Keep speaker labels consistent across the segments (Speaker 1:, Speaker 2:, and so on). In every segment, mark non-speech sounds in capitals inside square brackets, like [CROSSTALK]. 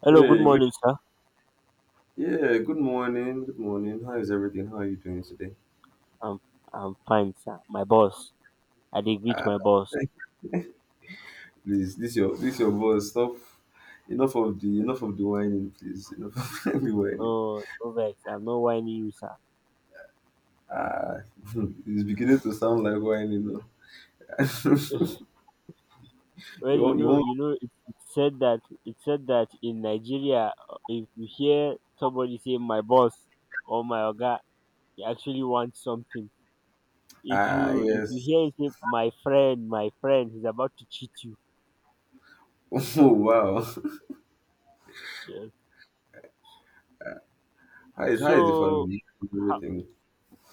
Speaker 1: Hello, good
Speaker 2: Hey, good,
Speaker 1: morning, sir.
Speaker 2: yeah, good morning. Good morning. How is everything? How are you doing today?
Speaker 1: I'm I'm fine, sir. My boss. I dey greet
Speaker 2: Ah,
Speaker 1: my boss.
Speaker 2: [LAUGHS] please, this your boss. Stop. Enough of the whining, please. Enough [LAUGHS] of the whining.
Speaker 1: Oh, no vex. I'm not whining you, sir.
Speaker 2: Ah, [LAUGHS] it's beginning to sound like whining. No? [LAUGHS]
Speaker 1: Well,
Speaker 2: you want you want?
Speaker 1: it said that in Nigeria, if you hear somebody say my boss or my oga, he actually wants something. If
Speaker 2: Ah,
Speaker 1: you if you
Speaker 2: yes.
Speaker 1: hear him say my friend, he's about to cheat you.
Speaker 2: [LAUGHS] Oh, wow.
Speaker 1: Yes.
Speaker 2: How is the
Speaker 1: So
Speaker 2: family?
Speaker 1: how,
Speaker 2: Everything.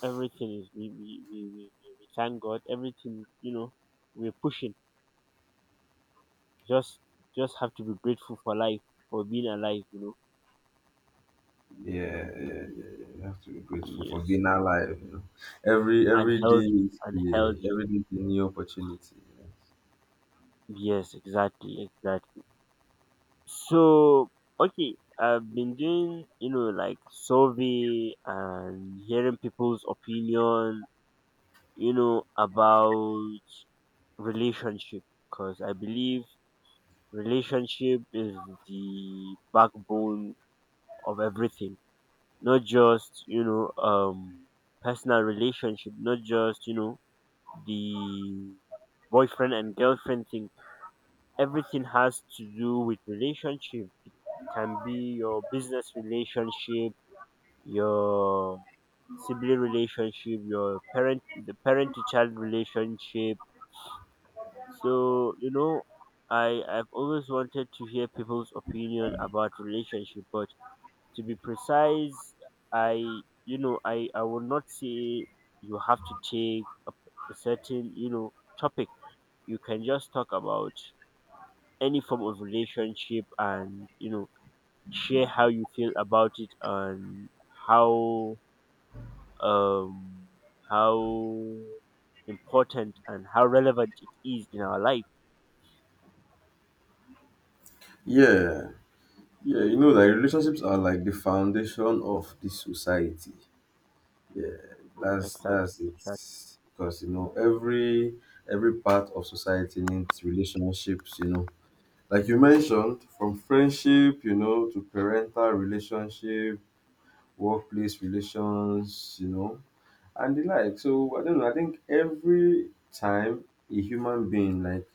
Speaker 1: everything is we thank God. Everything we're pushing. Just just have to be grateful for life, for being alive, you know.
Speaker 2: Yeah, yeah, yeah, yeah. You have to be grateful for
Speaker 1: Yes.
Speaker 2: being alive. You know, every
Speaker 1: And
Speaker 2: every day
Speaker 1: healthy
Speaker 2: is,
Speaker 1: and
Speaker 2: yeah,
Speaker 1: healthy.
Speaker 2: every day is a new opportunity.
Speaker 1: Yes, exactly, exactly. So okay, I've been doing, you know, like survey and hearing people's opinion, you know, about relationship because I believe relationship is the backbone of everything. Not just, you know, personal relationship, not just, you know, the boyfriend and girlfriend thing. Everything has to do with relationship. It can be your business relationship, your sibling relationship, your parent the parent to child relationship. So, you know, I've always wanted to hear people's opinion about relationship, but to be precise, I would not say you have to take a certain, you know, topic. You can just talk about any form of relationship and, you know, share how you feel about it and how um how important and how relevant it is in our life.
Speaker 2: Yeah, yeah, you know, like relationships are like the foundation of the society. Yeah, that's
Speaker 1: Exactly,
Speaker 2: that's it.
Speaker 1: exactly.
Speaker 2: Because you know, every part of society needs relationships. You know, like you mentioned, from friendship, you know, to parental relationship, workplace relations, you know, and the like. So I don't know. I think every time a human being like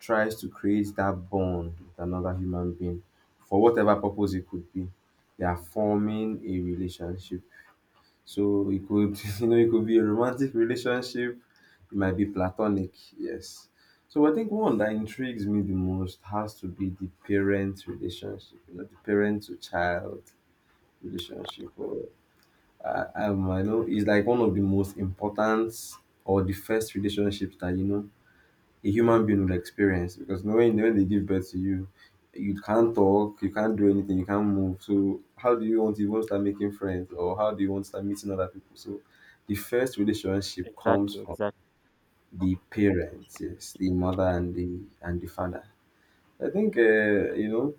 Speaker 2: tries to create that bond with another human being for whatever purpose it could be, they are forming a relationship. So it could, [LAUGHS] you know, it could be a romantic relationship. It might be platonic. Yes. So I think one that intrigues me the most has to be the parent relationship, you know, the parent to child relationship. Or I know it's like one of the most important or the first relationships that you know a human being will experience, because knowing when they give birth to you, you can't talk, you can't do anything, you can't move. So how do you want to even start making friends, or how do you want to start meeting other people? So the first relationship comes
Speaker 1: exactly
Speaker 2: from
Speaker 1: exactly
Speaker 2: the parents, yes, the mother and the father. I think you know,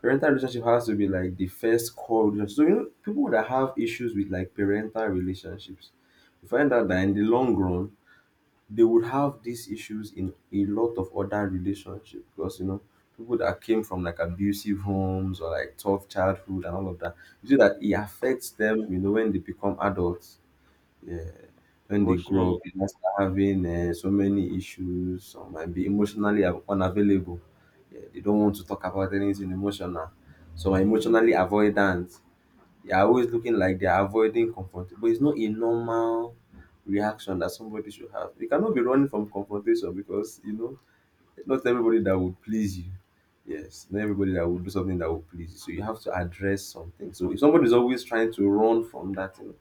Speaker 2: parental relationship has to be like the first core relationship. So you know, people that have issues with like parental relationships, you find out that in the long run, they would have these issues in a lot of other relationships, because you know people that came from like abusive homes or like tough childhood and all of that. You see that it affects them, you know, when they become adults. Yeah. When they grow
Speaker 1: Emotionally.
Speaker 2: up, they might start having so many issues. Some might be emotionally unavailable. Yeah, they don't want to talk about anything emotional. Some are emotionally avoidant. They are always looking like they are avoiding confrontation, but it's not a normal reaction that somebody should have. You cannot be running from confrontation, because you know not everybody that would please you. Yes, not everybody that will do something that will please you. So you have to address something. So if somebody is always trying to run from that thing,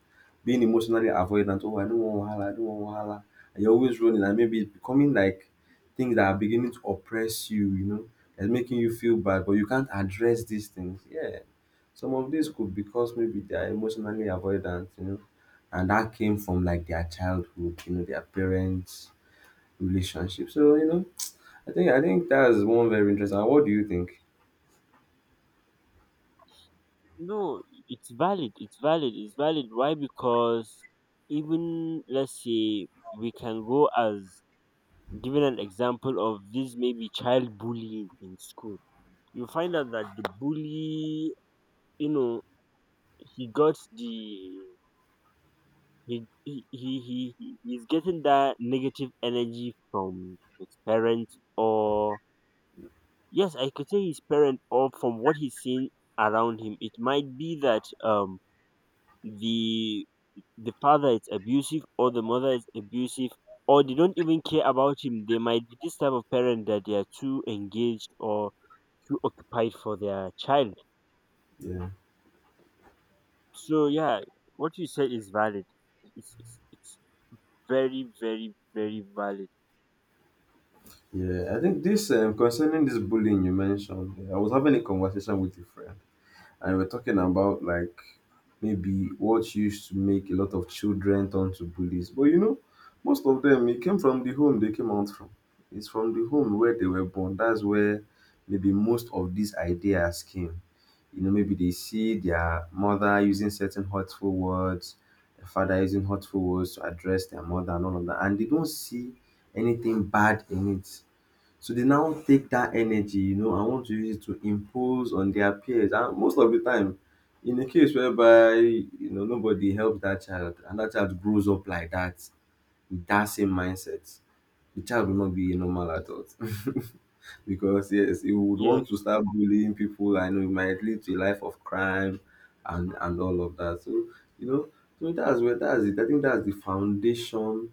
Speaker 2: being emotionally avoidant, oh I don't want wahala, I don't want wahala, and you're always running, and maybe it's becoming like things that are beginning to oppress you, you know, and making you feel bad, but you can't address these things. Yeah. Some of these could, because maybe they are emotionally avoidant, you know, and that came from like their childhood, you know, their parents' relationship. So, you know, I think that's one very interesting. What do you think?
Speaker 1: No, it's valid, it's valid, it's valid. Why? Because even, let's say, we can go as given an example of this maybe child bullying in school. You find out that the bully, you know, he got the he- he's getting that negative energy from his parents, or yes, I could say his parent, or from what he's seen around him. It might be that the the father is abusive or the mother is abusive or they don't even care about him. They might be this type of parent that they are too engaged or too occupied for their child.
Speaker 2: Yeah,
Speaker 1: So yeah, what you said is valid. It's very, very, very valid.
Speaker 2: yeah. I think this concerning this bullying you mentioned, yeah, I was having a conversation with a friend, and we are talking about like maybe what used to make a lot of children turn to bullies. But you know, most of them it came from the home they came out from. It's from the home where they were born. That's where maybe most of these ideas came. You know, maybe they see their mother using certain hurtful words, the father using hurtful words to address their mother and all of that, and they don't see anything bad in it. So they now take that energy, you know, and want to use it to impose on their peers. And most of the time, in a case whereby you know nobody helps that child and that child grows up like that with that same mindset, the child will not be a normal adult [LAUGHS] because yes, he would want to
Speaker 1: Yes,
Speaker 2: start bullying people. I know it might lead to a life of crime and all of that. So you know, so that's where that's it. I think that's the foundation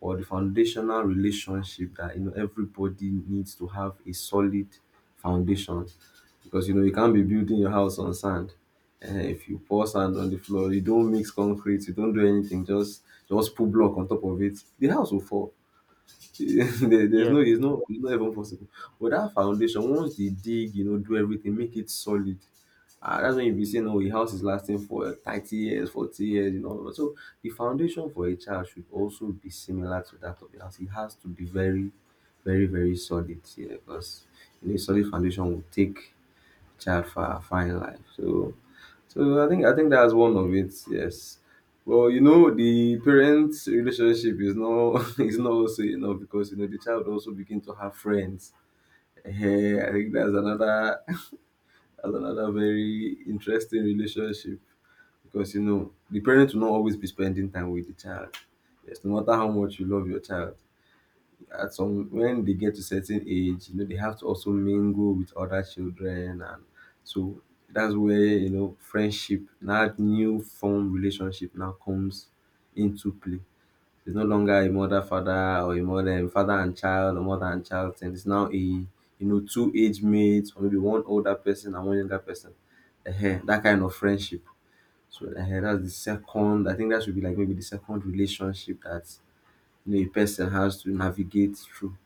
Speaker 2: or the foundational relationship, that you know everybody needs to have a solid foundation. Because you know, you can't be building your house on sand, and if you pour sand on the floor, you don't mix concrete, you don't do anything, just put block on top of it, the house will fall. [LAUGHS] There's
Speaker 1: yes.
Speaker 2: no, it's not, it's not even possible. But that foundation, once they dig, you know, do everything, make it solid, ah, that's when you be saying oh a house is lasting for 30 years, 40 years, you know. So the foundation for a child should also be similar to that of the house. It has to be very solid, yeah, because you know a solid foundation will take Jaffa, fine life. So, so I think that's one of it. Yes. Well, you know, the parents' relationship is not [LAUGHS] is not also enough, because you know the child also begin to have friends. Eh, I think that's another, [LAUGHS] that's another very interesting relationship, because you know the parents will not always be spending time with the child. Yes, no matter how much you love your child, at some when they get to certain age, you know, they have to also mingle with other children, and so that's where you know friendship, that new form relationship now comes into play. It's no longer a mother father or a mother father and child or mother and child thing. It's now a, you know, two age mates, or maybe one older person and one younger person. Ehen, that kind of friendship. So ehen, that's the second. I think that should be like maybe the second relationship that you know a person has to navigate through.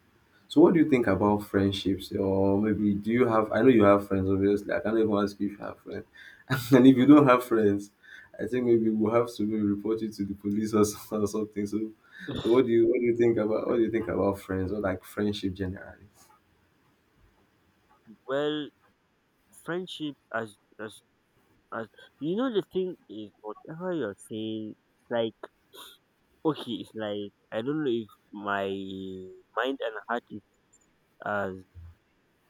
Speaker 2: So what do you think about friendships? Or maybe do you have, I know you have friends, obviously. I can't even ask you if you have friends. [LAUGHS] And if you don't have friends, I think maybe we'll have to maybe report you to the police, or [LAUGHS] or something. So, so what do you think about what do you think about friends or like friendship generally?
Speaker 1: Well, friendship as as you know, the thing is whatever you're saying, it's like, okay, it's like I don't know if my mind and heart is as,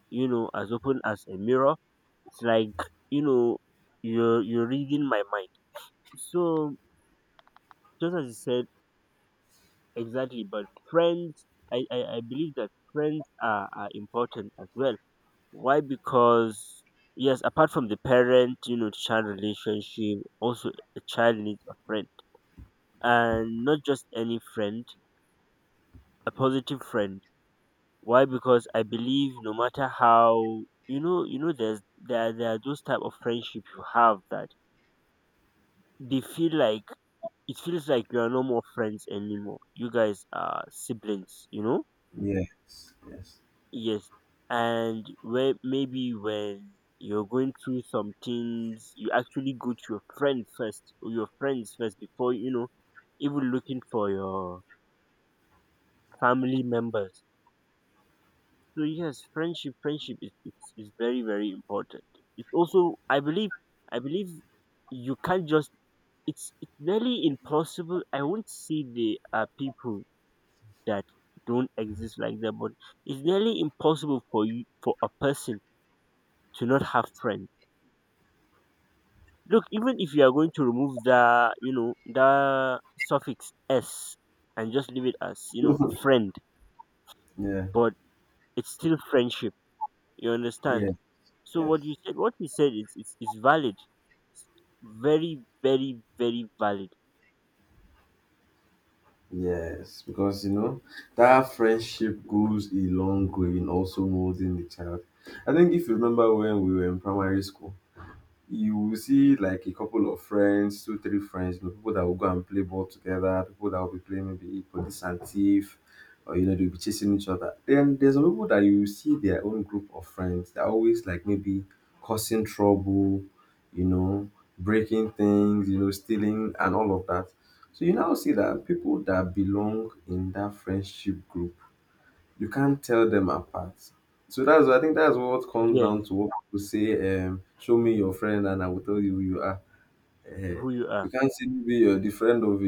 Speaker 1: you know, as open as a mirror. It's like, you know, you're reading my mind. So just as you said. Exactly, but friends, I believe that friends are important as well. Why? Because, yes, apart from the parent, you know, child relationship, also a child needs a friend. And not just any friend, a positive friend. Why? Because I believe no matter how, there are those type of friendship you have that they feel like, it feels like you are no more friends anymore. You guys are siblings, you know?
Speaker 2: Yes, yes.
Speaker 1: Yes, and where maybe when you're going through some things, you actually go to your friend first, or your friends first before, you know, even looking for your family members. So yes, friendship, friendship is very, very important. It's also, I believe you can't just, it's nearly impossible. I won't say there are people that don't exist like that, but it's nearly impossible for you for a person to not have friends. Look, even if you are going to remove the, you know, the suffix s and just leave it as, you know, friend,
Speaker 2: Yeah.
Speaker 1: but it's still friendship. You understand?
Speaker 2: Yeah.
Speaker 1: So
Speaker 2: Yes.
Speaker 1: what you said, what we said is, is valid. Very, very, very valid.
Speaker 2: Yes. Because you know, that friendship goes a long way in also molding the child. I think if you remember when we were in primary school, you will see like a couple of friends, two, three friends, you know, people that will go and play ball together, people that will be playing maybe police and thief, or you know, they'll be chasing each other. Then there's some people that you see their own group of friends. They're always like maybe causing trouble, you know, breaking things, you know, stealing and all of that. So you now see that people that belong in that friendship group, you can't tell them apart. So that's, I think that's what comes
Speaker 1: Yes,
Speaker 2: down to what people say, show me your friend and I will tell you who you are.
Speaker 1: who you
Speaker 2: You
Speaker 1: are.
Speaker 2: can't simply be the friend of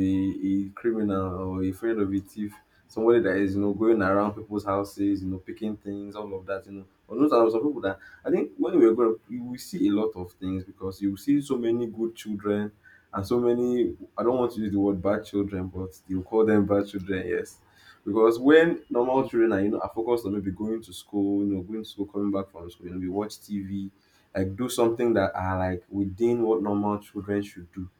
Speaker 2: a criminal, or a friend of a thief, somebody that is, you know, going around people's houses, you know, picking things, all of that, you know. But those are some people that I think when we were growing up, you will see a lot of things, because you will see so many good children and so many, I don't want to use the word bad children, but you call them bad children, yes. Because when normal
Speaker 1: Mm.
Speaker 2: children are, you know, are focused on maybe going to school, you know, going to school, coming back from school, you know, we watch TV, like do something that are like within what normal children should do,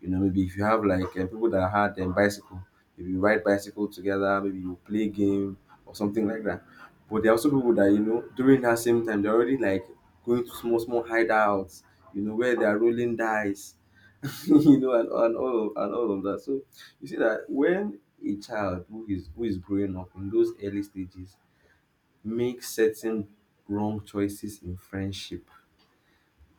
Speaker 2: you know, maybe if you have like people that had bicycle, maybe you ride bicycle together, maybe you play game or something like that. But there are also people that you know during that same time they're already like going to small small hideouts, you know, where they are rolling dice, [LAUGHS] you know, and all of that. So you see that when a child who is growing up in those early stages makes certain wrong choices in friendship,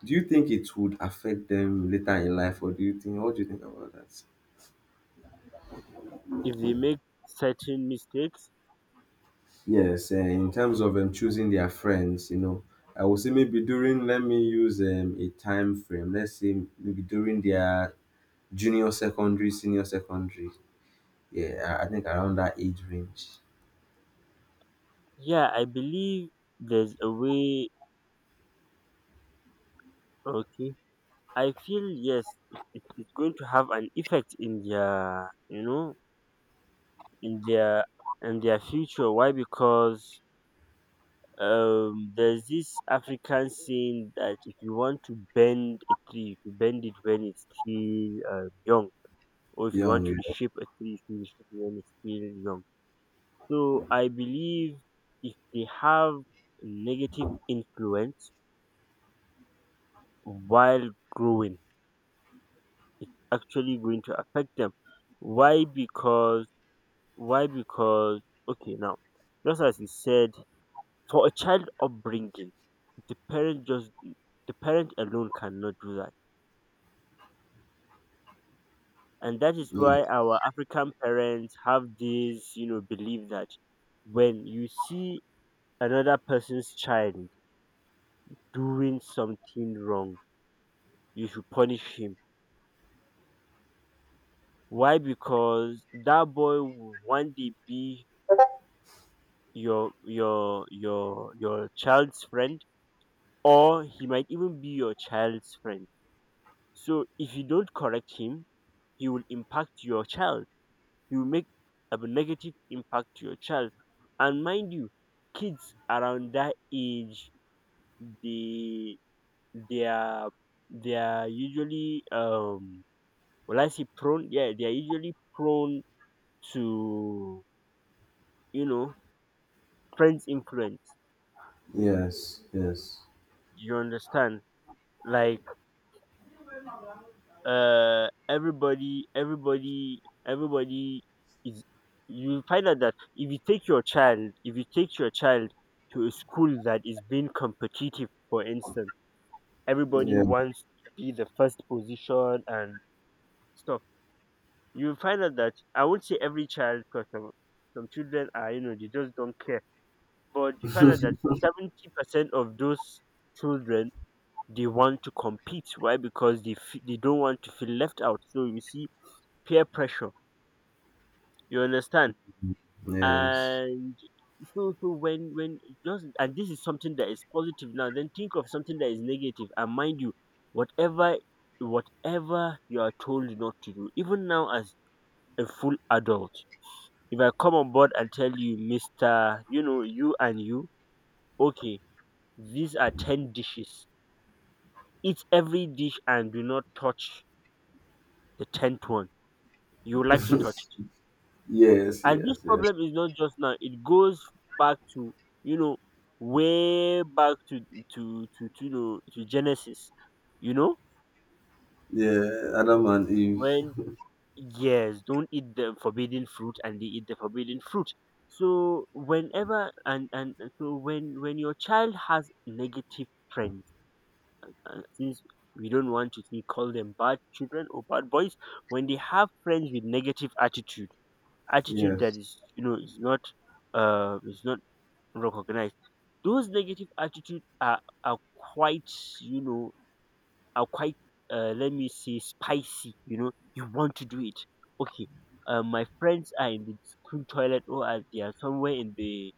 Speaker 2: do you think it would affect them later in life, or do you think? What do you think about that?
Speaker 1: If they make certain mistakes,
Speaker 2: Yes, eh, in terms of choosing their friends, you know, I would say maybe during, let me use a time frame, let's say maybe during their junior secondary, senior secondary. Yeah, I think around that age range.
Speaker 1: yeah, I believe there's a way. Okay, I feel yes, it's going to have an effect in their, you know, in their in their future. Why? Because there's this African saying that if you want to bend a tree, you bend it when it's still young, or if you want
Speaker 2: Young,
Speaker 1: to
Speaker 2: yeah.
Speaker 1: reshape a tree, you reshape it when it's still young. So I believe if they have negative influence while growing, it's actually going to affect them. Why? Because why? Because okay, now, just as you said, for a child upbringing, the parent just the parent alone cannot do that, and that is
Speaker 2: yeah.
Speaker 1: why our African parents have this, you know, belief that when you see another person's child doing something wrong, you should punish him. Why? Because that boy will one day be your child's friend, or he might even be your child's friend. So if you don't correct him, he will impact your child. You make a negative impact to your child. And mind you, kids around that age, they they are they are usually, well, I say prone, yeah, they are usually prone to, you know, friends' influence.
Speaker 2: Yes, yes.
Speaker 1: You understand? Like, uh everybody everybody everybody is, you find out that if you take your child, if you take your child to a school that is being competitive, for instance, everybody
Speaker 2: Yeah,
Speaker 1: wants to be the first position and stuff. You find out that I won't say every child, because some children are, you know, they just don't care, but you find out that 70% of those children, they want to compete. Why? Because they don't want to feel left out. So you see peer pressure. You understand?
Speaker 2: yes.
Speaker 1: And so, so when just, and this is something that is positive now, then think of something that is negative. And mind you, whatever whatever you are told not to do, even now as a full adult, if I come on board and tell you, Mister, you know, you and you, okay, these are ten dishes. Eat every dish and do not touch the tenth one. You would like to touch.
Speaker 2: Yes,
Speaker 1: And this
Speaker 2: yes, yes.
Speaker 1: problem is not just now; it goes back to, you know, way back to you know, to Genesis. You know,
Speaker 2: Yeah, Adam and Eve.
Speaker 1: when, yes, don't eat the forbidden fruit, and they eat the forbidden fruit. So whenever, and so when your child has negative friends, since we don't want to see, call them bad children or bad boys, when they have friends with negative attitude, attitude that
Speaker 2: Yes,
Speaker 1: is, you know, is not recognized. Those negative attitude are quite, you know, are quite, let me say, spicy. You know you want to do it. Okay, my friends are in the school toilet or they are somewhere in the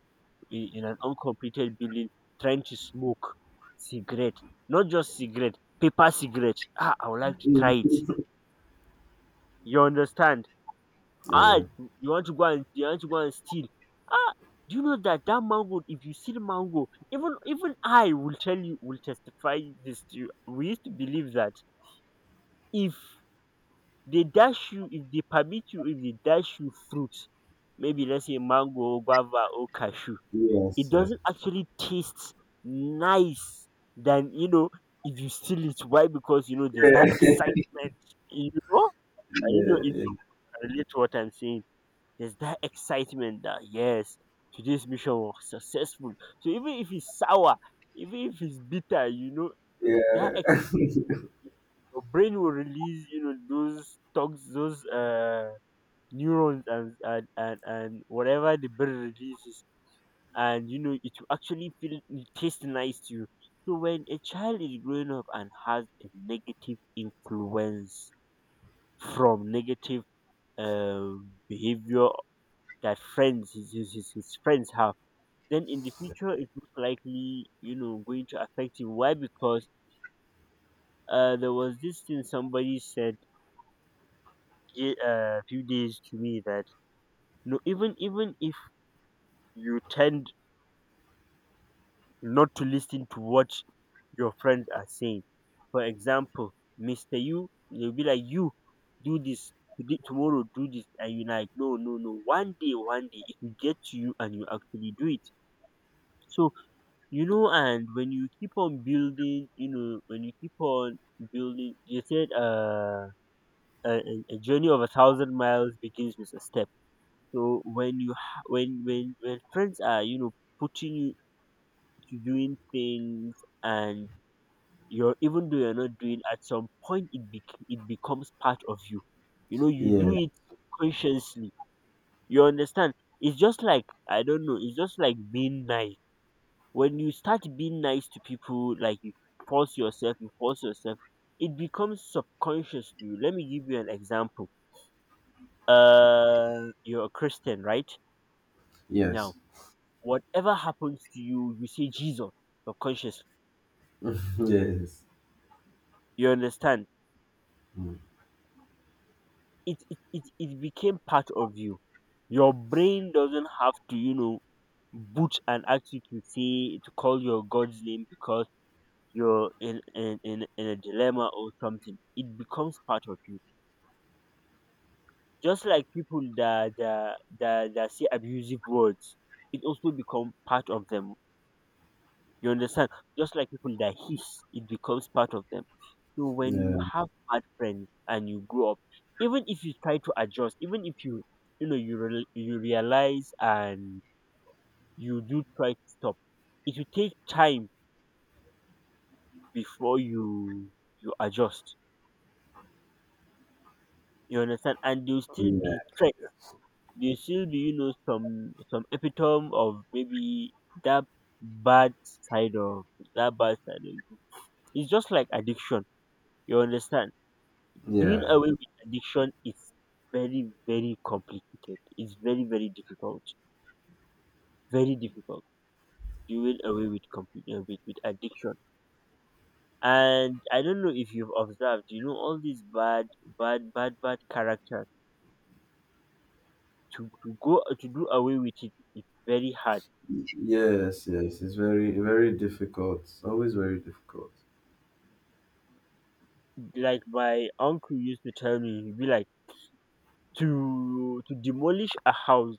Speaker 1: in an uncompleted building trying to smoke cigarette. Not just cigarette, paper cigarette. Ah, I would like to try it. You understand? Ah,
Speaker 2: yeah.
Speaker 1: you want to go and you want to go and steal. Ah, do you know that that mango, if you steal mango, even even I will tell you, will testify this to you. We used to believe that if they dash you, if they permit you, if they dash you fruit, maybe let's say mango or guava or cashew, it
Speaker 2: Yes, yes.
Speaker 1: doesn't actually taste nice than, you know, if you steal it. Why? Because you know there's that
Speaker 2: Yeah, [LAUGHS]
Speaker 1: excitement. You know, I don't know if
Speaker 2: yeah,
Speaker 1: you can relate to what I'm saying. There's that excitement that yes, today's mission was successful. So even if it's sour, even if it's bitter, you know,
Speaker 2: yeah,
Speaker 1: that excitement, your brain will release, you know, those tox, those neurons, and whatever the brain releases, and, you know, it will actually feel, it taste nice to you. So when a child is growing up and has a negative influence from negative uh behavior that friends his friends have, then in the future it's most likely, you know, going to affect him. Why? Because there was this thing somebody said a few days to me that no, even if you tend not to listen to what your friends are saying, for example, mr you, they'll be like, you do this today, tomorrow do this, and you're like no no no, one day one day it will get to you and you actually do it. So, you know, and when you keep on building, you know, when you keep on building, you said a journey of a thousand miles begins with a step. So when you ha- when friends are, you know, putting you to doing things, and you're, even though you're not doing, at some point it it becomes part of you, you know, you
Speaker 2: yeah,
Speaker 1: do it consciously. You understand? It's just like, I don't know, it's just like being nice. When you start being nice to people, like, you force yourself, it becomes subconscious to you. Let me give you an example. You're a Christian, right?
Speaker 2: yes,
Speaker 1: Now whatever happens to you, you say Jesus. Subconscious.
Speaker 2: [LAUGHS] yes.
Speaker 1: You understand?
Speaker 2: Mm.
Speaker 1: It became part of you. Your brain doesn't have to, you know, boot and ask you to call your god's name because you're in a dilemma or something. It becomes part of you. Just like people that say abusive words, it also become part of them. You understand? Just like people that hiss, it becomes part of them. So when you
Speaker 2: Yeah,
Speaker 1: have bad friends and you grow up, even if you try to adjust, even if you, you know, you realize and you do try to stop, it will take time before you adjust. You understand? And there will still be
Speaker 2: yeah.
Speaker 1: threats. Do still, do you know, some epitome of maybe that bad side of bad side of you. It's just like addiction. You understand? Doing
Speaker 2: Yeah.
Speaker 1: away with addiction is very, very complicated. It's very, very difficult. Very difficult. Doing away with complete with addiction. And I don't know if you've observed, you know, all these bad, bad, bad, bad characters. To do away with it is very hard.
Speaker 2: Yes, yes. It's very, very difficult. Always very difficult.
Speaker 1: Like my uncle used to tell me, he'd be like, to demolish a house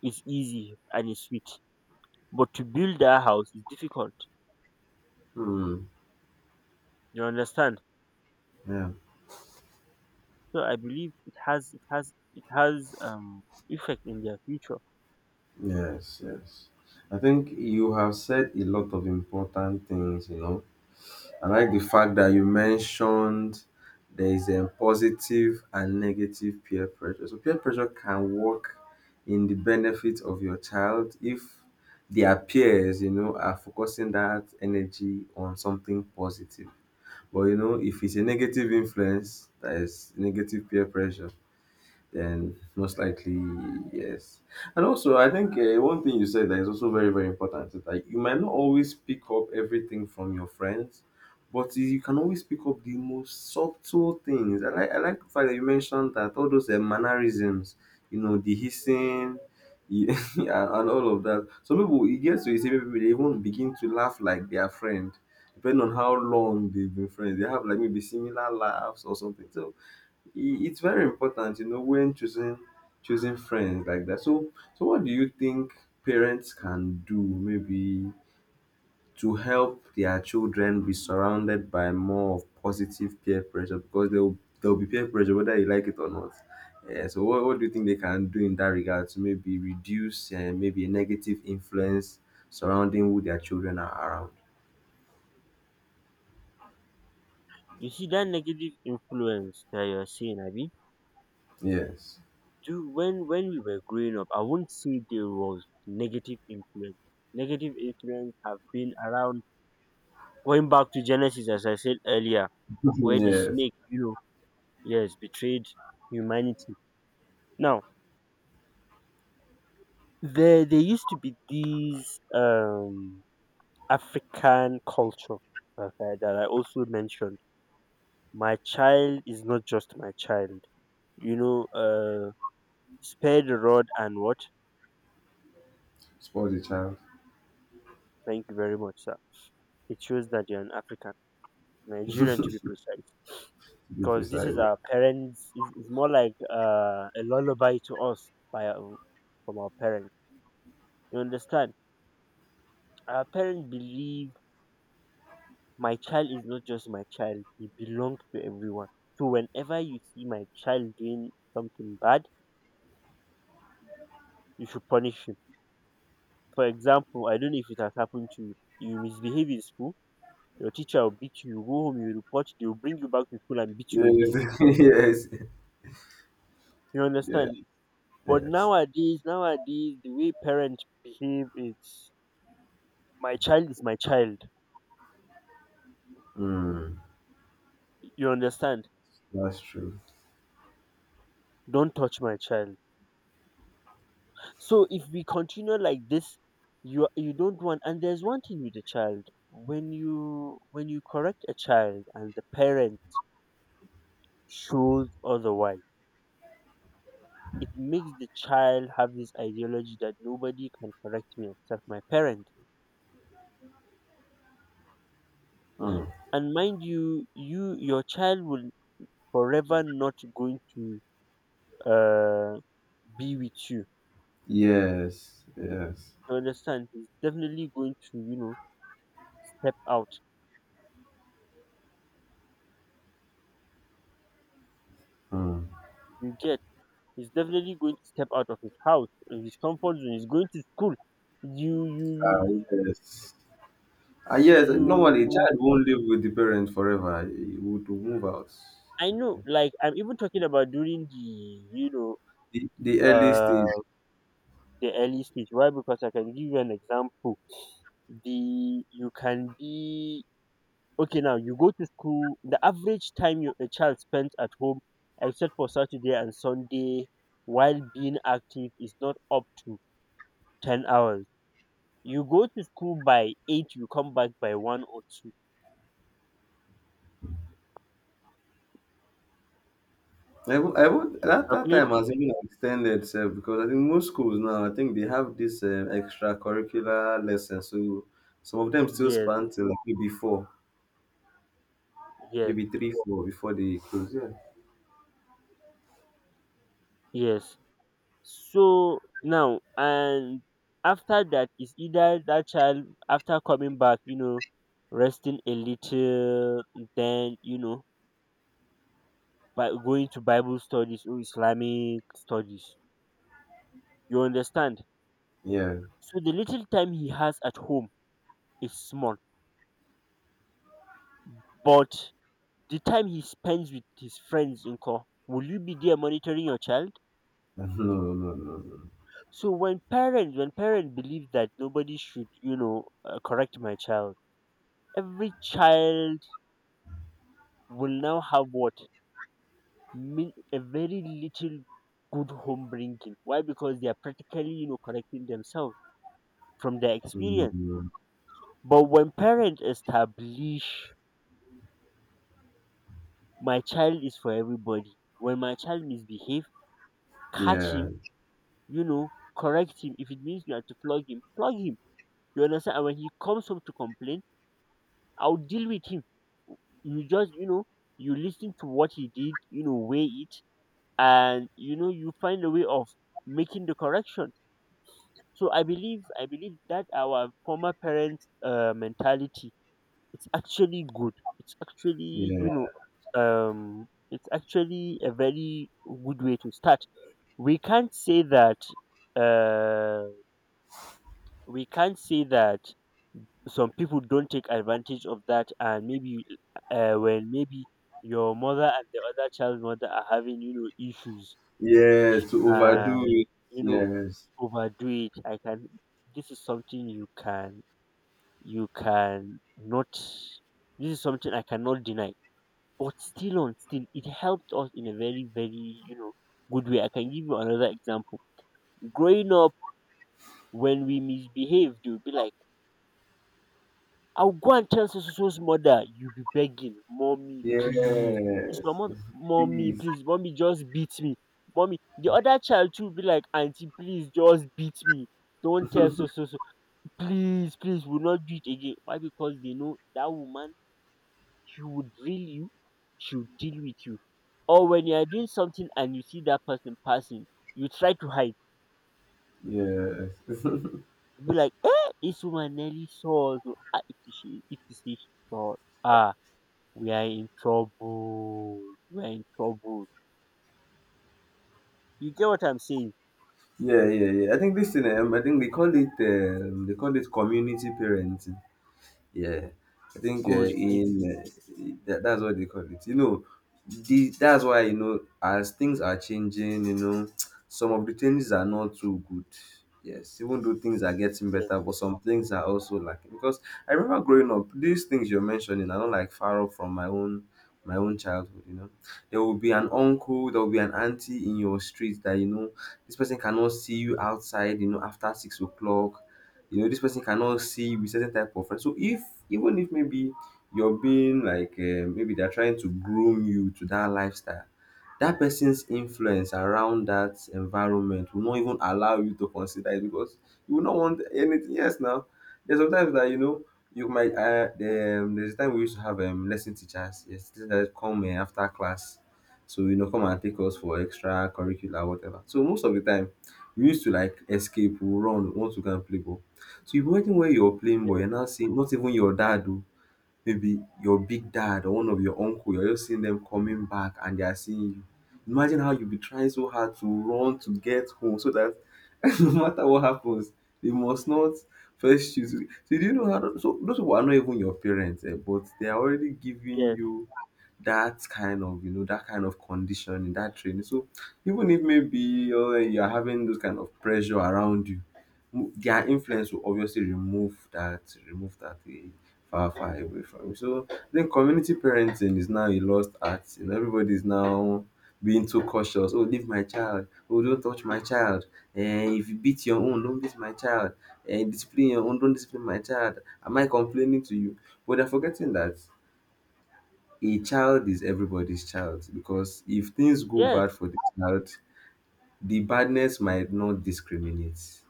Speaker 1: is easy and is sweet, but to build a house is difficult.
Speaker 2: Hmm.
Speaker 1: You understand?
Speaker 2: Yeah.
Speaker 1: So I believe it has effect in their future.
Speaker 2: Yes, yes. I think you have said a lot of important things. I like the fact that you mentioned there is a positive and negative peer pressure. So peer pressure can work in the benefit of your child if their peers are focusing that energy on something positive. But if it's a negative influence, that is negative peer pressure, then most likely yes. And also, I think one thing you said that is also very very important is that you might not always pick up everything from your friends, but you can always pick up the most subtle things. I like the fact that you mentioned that all those mannerisms, the hissing. Yeah, [LAUGHS] and all of that. Some people, it gets to a certain people, they even begin to laugh like their friend, depending on how long they've been friends. They have like maybe similar laughs or something. So it's very important, when choosing friends like that. So what do you think parents can do maybe to help their children be surrounded by more of positive peer pressure because they'll there'll be peer pressure whether you like it or not. Yeah, so what do you think they can do in that regard to maybe reduce maybe a negative influence surrounding who their children are around?
Speaker 1: You see that negative influence that you're saying, Abby?
Speaker 2: Yes.
Speaker 1: Do when we were growing up, I wouldn't say there was negative influence. Negative influence have been around. Going back to Genesis, as I said earlier,
Speaker 2: [LAUGHS]
Speaker 1: where the
Speaker 2: Yes.
Speaker 1: snake, you know, yes, betrayed humanity. Now, there used to be these um, African culture, okay, that I also mentioned. My child is not just my child. You know, spare the rod and what?
Speaker 2: Spoil the child
Speaker 1: Thank you very much, sir. It shows that you're an African, Nigerian to be precise.
Speaker 2: to be
Speaker 1: Because this is
Speaker 2: precise.
Speaker 1: our parents. It's more like a lullaby to us by from our parents. You understand? Our parents believe, my child is not just my child, he belongs to everyone. So whenever you see my child doing something bad, you should punish him. For example, I don't know if it has happened to you, you misbehave in school, your teacher will beat you, you go home, you report, they will bring you back to school and beat you again.
Speaker 2: Yes. [LAUGHS] Yes.
Speaker 1: You
Speaker 2: Yeah.
Speaker 1: understand? But
Speaker 2: Yes.
Speaker 1: nowadays the way parents behave is, my child is my child,
Speaker 2: Mm,
Speaker 1: you understand,
Speaker 2: that's true.
Speaker 1: don't touch my child. So if we continue like this, you don't want. And there's one thing with a child, when you correct a child and the parent shows otherwise, it makes the child have this ideology that nobody can correct me except my parent.
Speaker 2: Mm.
Speaker 1: And mind you, your child will forever not going to uh be with you.
Speaker 2: Yes. Yes.
Speaker 1: You understand? He's definitely going to, you know, step out.
Speaker 2: Mm.
Speaker 1: You get, he's definitely going to step out of his house and his comfort zone. He's going to school. You, you,
Speaker 2: Ah,
Speaker 1: you,
Speaker 2: yes. Ah, yes. Normally, a
Speaker 1: you.
Speaker 2: child won't live with the parent forever. He would move out.
Speaker 1: I know. Like I'm even talking about during
Speaker 2: The early
Speaker 1: know,
Speaker 2: stage.
Speaker 1: uh, the early stage. Why? Because I can give you an example. The You can be okay now. You go to school. The average time your a child spends at home, except for Saturday and Sunday, while being active, is not up to 10 hours. You go to school by eight. You come back by one or two.
Speaker 2: I, wo- I would,
Speaker 1: If you
Speaker 2: that, that
Speaker 1: calculate,
Speaker 2: time has even extended itself because I think most schools now, I think they have this extracurricular lesson. So some of them still
Speaker 1: yes,
Speaker 2: span till like maybe four,
Speaker 1: yes,
Speaker 2: maybe three, four before they close. Yeah.
Speaker 1: yes. So now and after that is either that child, after coming back, you know, resting a little, then, you know, by going to Bible studies or Islamic studies. You understand?
Speaker 2: Yeah. [LAUGHS]
Speaker 1: So the little time he has at home is small, but the time he spends with his friends in call, will you be there monitoring your child?
Speaker 2: No, no, no, no.
Speaker 1: So when parents believe that nobody should, you know, correct my child, every child will now have what? A very little good home bringing. Why? Because they are practically, you know, correcting themselves from their
Speaker 2: No.
Speaker 1: experience.
Speaker 2: Mm,
Speaker 1: But when parents establish, my child is for everybody, when my child misbehave, catch
Speaker 2: yeah.
Speaker 1: him, you know, correct him. If it means you have to flog him, flog him. You understand? And when he comes home to complain, I'll deal with him. You just, you know, you listen to what he did, you know, weigh it, and you know, you find a way of making the correction. So I believe that our former parents' mentality, it's actually good. It's actually,
Speaker 2: Yeah.
Speaker 1: you know, it's actually a very good way to start. We can't say that, uh, we can't say that some people don't take advantage of that and maybe when maybe your mother and the other child's mother are having, you know, issues
Speaker 2: Yes, to overdo
Speaker 1: and
Speaker 2: it.
Speaker 1: you know
Speaker 2: Yes.
Speaker 1: overdo it. I can, this is something you can, you can not, this is something I cannot deny. But still on still, it helped us in a very, very, you know, good way. I can give you another example. Growing up, when we misbehave they would be like, I'll go and tell so so so's mother, you'll be begging, "Mommy, please." It's
Speaker 2: Yes.
Speaker 1: your mother. "Mommy,
Speaker 2: Please.
Speaker 1: please. Mommy, just beat me. Mommy." The other child too will be like, auntie, please just beat me. Don't tell so so so. Please, please, we'll not do it again." Why? Because they know that woman, she would drill you, she would deal with you. Or when you are doing something and you see that person passing, you try to hide.
Speaker 2: Yes. [LAUGHS]
Speaker 1: You be like, "Eh, this woman nearly saw us. Oh. Ah, if she saw us. Ah." We are in trouble. We are in trouble. You get what I'm saying?
Speaker 2: Yeah, yeah, yeah. I think this thing, I think they call it community parenting. Yeah, I think
Speaker 1: Good. Thank
Speaker 2: in that's what they call it. You know, that's why as things are changing, [TSK] some of the things are not too good. Yes, even though things are getting
Speaker 1: you.
Speaker 2: better, but some things are also lacking. Because I remember growing up, these things you're mentioning are not like far off from my own childhood. You know, there will be an uncle, there will be an auntie in your street that you know this person cannot see you outside. You know, after 6 o'clock you know this person cannot see with certain type of friends. So if even if maybe you're being like maybe they're trying to groom you to that lifestyle, that person's influence around that environment will not even allow you to consider it because you will not want anything. Yes, now there's sometimes that you know you might. There's a time we used to have lesson teachers. Yes, teachers that come after class, so come and take us for extra curricular whatever. So most of the time, we used to like escape, we run, want to go and play ball. So you imagine where you're playing ball,
Speaker 1: Yes,
Speaker 2: you're now seeing not even your dad. Oh, maybe your big dad or one of your uncle, you're just seeing them coming back and they are seeing you. Imagine how you'll be trying so hard to run to get home so that [LAUGHS] no matter what happens, they must not first choose. So do you know how so those people are not even your parents, eh, but they are already giving
Speaker 1: yes,
Speaker 2: you that kind of conditioning, that training. So even if maybe you're having those kind of pressure around you, their influence will obviously remove that far far away from you. So I think community parenting is now a lost art. You know, everybody is now being too cautious. Oh, leave my child. Oh, don't touch my child. Eh, if you beat your own, don't beat my child. Eh, discipline your own, don't discipline my child. Am I complaining to you? But they're forgetting that a child is everybody's child, because if things go
Speaker 1: yes,
Speaker 2: bad
Speaker 1: yes,
Speaker 2: for the child, the badness might not discriminate.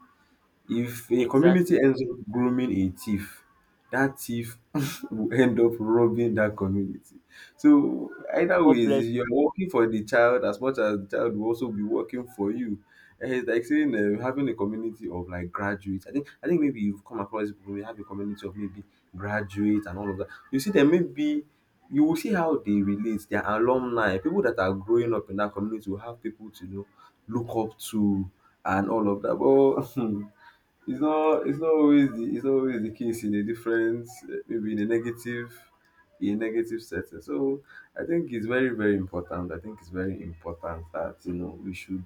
Speaker 2: If a community
Speaker 1: exactly.
Speaker 2: ends up grooming a thief, that thief [LAUGHS] will end up robbing that community. So either
Speaker 1: God
Speaker 2: ways,
Speaker 1: bless
Speaker 2: if you're working for the child as much as the child will also be working for you. And it's like saying having a community of like graduates. I think maybe you've come across people who have a community of maybe graduates and all of that. You see them maybe you will see how they relate, their alumni, people that are growing up in that community will have people to look up to and all of that. But [LAUGHS] it's not always the case in a different eh, maybe in a negative setting. So I think it's very very important. I think it's very important that we should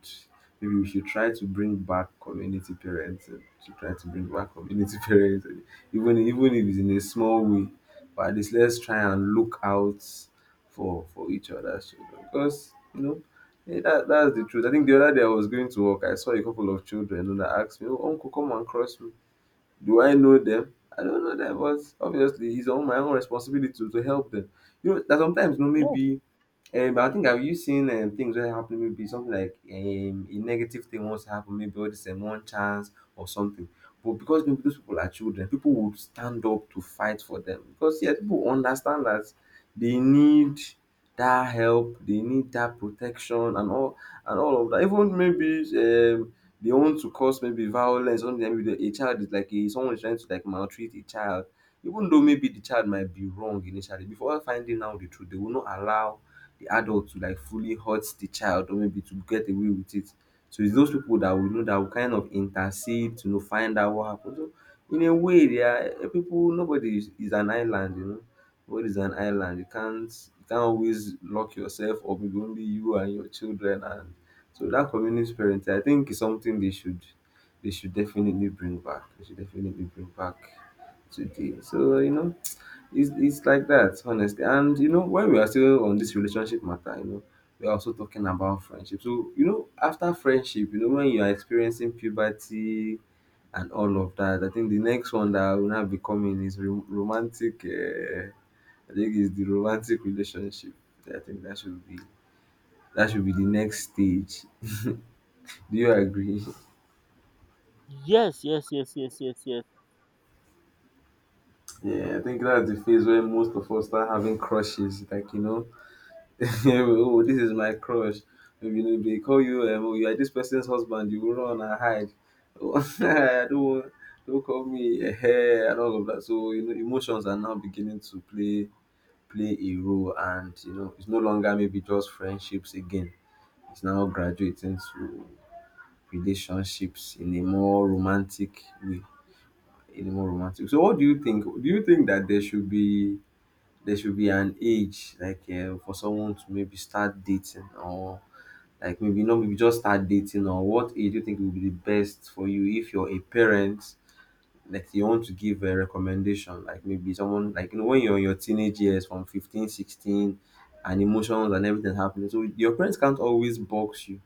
Speaker 2: maybe we should try to bring back community parents, to try to bring back community [LAUGHS] parents, even if it's in a small way, but at least let's try and look out for each other's children because you know yeah, that's the truth. I think the other day I was going to work, I saw a couple of children and they asked me, oh, Uncle, come and cross me. Do I know them? I don't know them, but obviously it's on my own responsibility to help them. You know, that sometimes,
Speaker 1: you.
Speaker 2: maybe but I think I've you seen things that happen maybe something like a negative thing wants to happen, maybe all this one chance or something. But because maybe those people are children, people would stand up to fight for them because yeah, people understand that they need that help, they need that protection and all of that. Even maybe they want to cause maybe violence. Something that maybe a child is someone is trying to like maltreat a child, even though maybe the child might be wrong initially. Before finding out the truth, they will not allow the adult to like fully hurt the child or maybe to get away with it. So it's those people that we know that will kind of intercede to know find out what happened. So in a way, they are people. Nobody is an island. Nobody is an island. You can't always lock yourself or maybe only you and your children. And so that community parenting, I think, is something they should definitely bring back. They should definitely bring back today. So you know, it's like that honestly, and when we are still on this relationship matter, we are also talking about friendship. So after friendship, when you are experiencing puberty and all of that, I think the next one that will now be coming is romantic I think is the romantic relationship. I think that should be the next stage. [LAUGHS] Do you agree?
Speaker 1: Yes, yes, yes, yes, yes, yes. Yes.
Speaker 2: Yeah, I think that's the phase where most of us start having crushes like [LAUGHS] oh, this is my crush. You know, they call you, oh, you are this person's husband, you will run and hide. Oh, [LAUGHS] I don't, want- don't call me a hair and all of that. So, emotions are now beginning to play a role, and it's no longer maybe just friendships again. It's now graduating to relationships in a more romantic way. In a more romantic. So, what do you think? Do you think that there should be an age like for someone to maybe start dating, or like maybe maybe just start dating, or what age do you think will be the best for you if you're a parent? Like you want to give a recommendation, like maybe someone like when you're in your teenage years from 15, 16, and emotions and everything happening. So your parents can't always box you.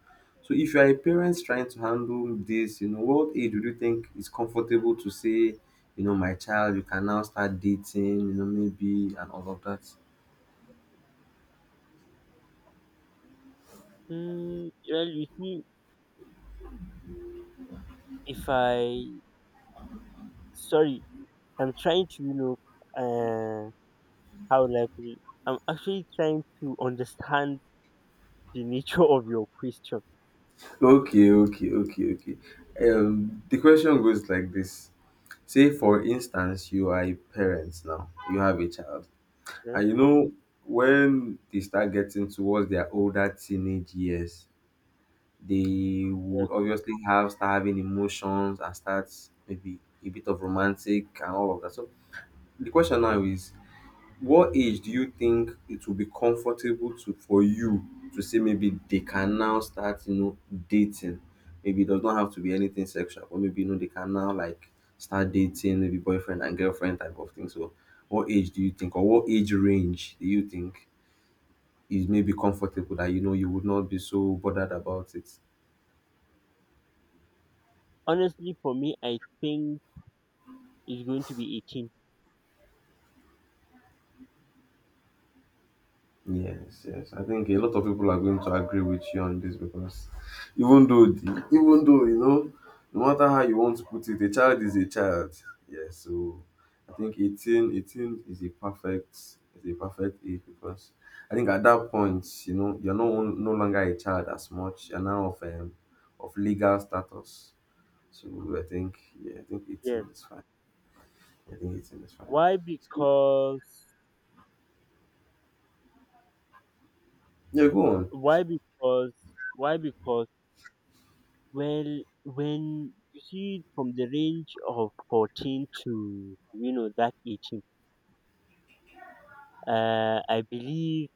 Speaker 2: So if you are a parent trying to handle this, what age would you think is comfortable to say, my child, you can now start dating, maybe and all of that?
Speaker 1: Mm, well, you see, if I, sorry, I'm trying to, you know, uh, how would I put it? I'm actually trying to understand the nature of your question.
Speaker 2: Okay, okay, okay, okay. The question goes like this. Say, for instance, you are a parent now, you have a child,
Speaker 1: Yes,
Speaker 2: and you know, when they start getting towards their older teenage years, they
Speaker 1: yes.
Speaker 2: would obviously have start having emotions and start maybe a bit of romantic and all of that. So, the question now is what age do you think it will be comfortable to for you to say maybe they can now start dating. Maybe it does not have to be anything sexual, but maybe they can now like start dating, maybe boyfriend and girlfriend type of thing. So what age do you think, or what age range do you think is maybe comfortable that you would not be so bothered about it?
Speaker 1: Honestly, for me, I think it's going to be 18.
Speaker 2: Yes, yes. I think a lot of people are going to agree with you on this because even though, even though no matter how you want to put it, a child is a child. Yes. So I think 18 is a perfect age because I think at that point, you know, you're no longer a child as much. You're now of legal status. So I think, yeah, I think
Speaker 1: Yes.
Speaker 2: 18 is fine. I think 18 is fine.
Speaker 1: Why?
Speaker 2: So,
Speaker 1: Because
Speaker 2: yeah, go on.
Speaker 1: Why? Because why? Because well, when you see from the range of 14 to, you know, that 18, I believe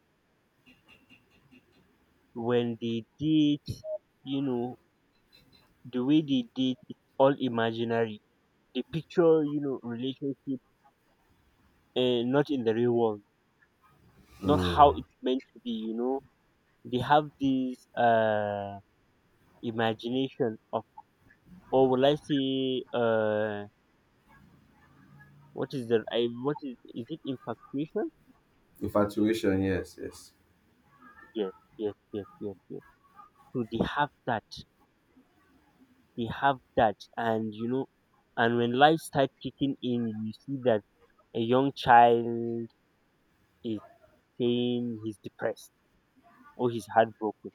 Speaker 1: when they date, you know, the way they date is all imaginary. They picture, you know, relationship and not in the real world, not how
Speaker 2: Mm.
Speaker 1: it's meant to be. You know, they have this imagination of, or will I say what is the, I what is it infatuation?
Speaker 2: Infatuation, yes, yes.
Speaker 1: Yes, yes, yes, yes, yes. So they have that. They have that. And you know, and when life starts kicking in, you see that a young child is saying he's depressed or he's heartbroken.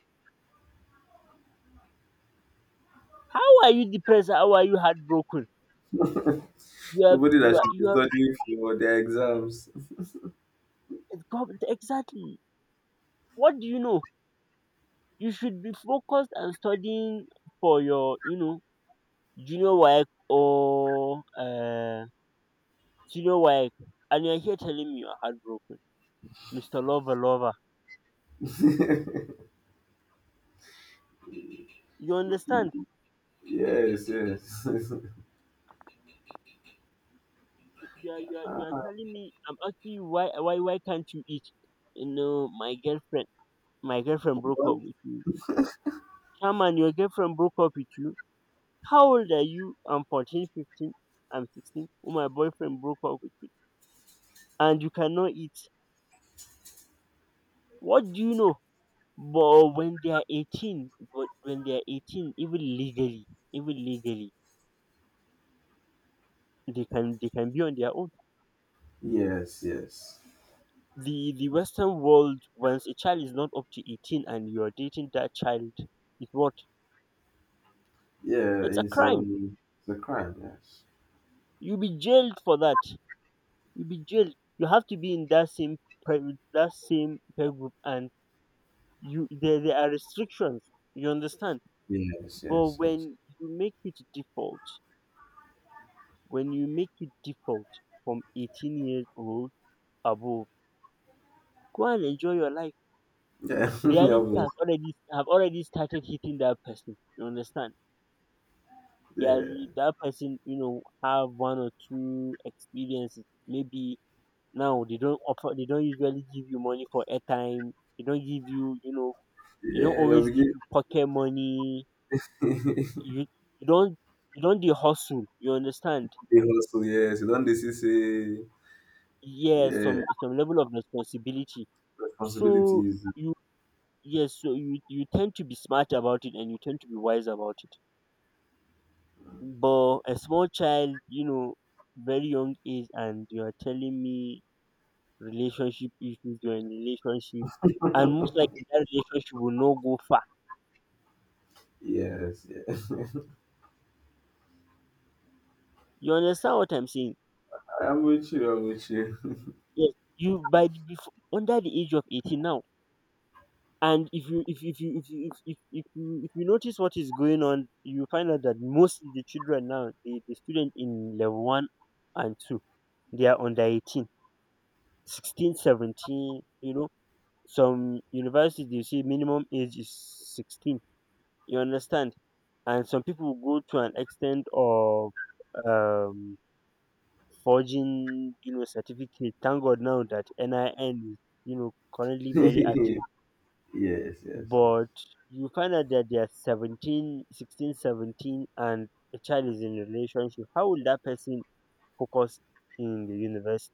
Speaker 1: How are you depressed? How are you heartbroken? You are,
Speaker 2: Somebody that
Speaker 1: you are,
Speaker 2: should
Speaker 1: you
Speaker 2: be
Speaker 1: are
Speaker 2: studying for their exams.
Speaker 1: exactly. What do you know? You should be focused and studying for your, you know, junior work or senior work. And you're here telling me you're heartbroken, Mister Lover Lover. You understand?
Speaker 2: Yes, yes. [LAUGHS]
Speaker 1: You are telling me, I'm asking you, why can't you eat? You know, my girlfriend broke up with me. Chairman, your girlfriend broke up with you. How old are you? I'm 14, 15, I'm 16. Oh, my boyfriend broke up with me. And you cannot eat. What do you know? But when they are 18, even legally, even legally, they can be on their own.
Speaker 2: Yes, yes.
Speaker 1: The western world, once a child is not up to 18 and you're dating that child is what?
Speaker 2: Yeah,
Speaker 1: It's a crime.
Speaker 2: it's a crime, yes.
Speaker 1: You'll be jailed for that. You'll be jailed. You have to be in that same that same peer group. And there, are restrictions. You understand?
Speaker 2: Yes,
Speaker 1: But
Speaker 2: yes, yes.
Speaker 1: when you make it default from 18 years old above, go and enjoy your life.
Speaker 2: Yeah, [LAUGHS] yeah,
Speaker 1: Reality has
Speaker 2: but
Speaker 1: already have already started hitting that person. You understand? Yeah,
Speaker 2: yeah.
Speaker 1: that person, you know, have one or two experiences. Maybe now they don't usually give you money for airtime. They don't give you, you know, they don't
Speaker 2: Yeah, you'll
Speaker 1: always
Speaker 2: be
Speaker 1: give
Speaker 2: getting.
Speaker 1: you pocket money.
Speaker 2: [LAUGHS]
Speaker 1: You, you don't, you don't the hustle. You understand?
Speaker 2: They hustle, yes. You don't they see say
Speaker 1: Yes,
Speaker 2: yeah,
Speaker 1: some level of responsibility. So
Speaker 2: responsibilities.
Speaker 1: you, yes, so you tend to be smart about it and you tend to be wise about it. But a small child, you know, very young age, and you are telling me relationship issues, you're in relationship, and most likely that relationship will not go far.
Speaker 2: Yes, yes.
Speaker 1: You understand what I'm saying?
Speaker 2: [LAUGHS] I'm with you, I'm with you.
Speaker 1: Yes. You before, under the age of 18 now. And if you if you if you notice what is going on, you find out that most of the children now, the students in level one and two, they are under 18, 16, seventeen. Some universities they say minimum age is 16. You understand? And some people go to an extent of um, forging, certificate. Thank God now that NIN is, currently very
Speaker 2: [LAUGHS]
Speaker 1: active.
Speaker 2: Yes, yes, yes.
Speaker 1: But you find out that they are 17, 16, 17, and a child is in a relationship. How will that person focus in the universe?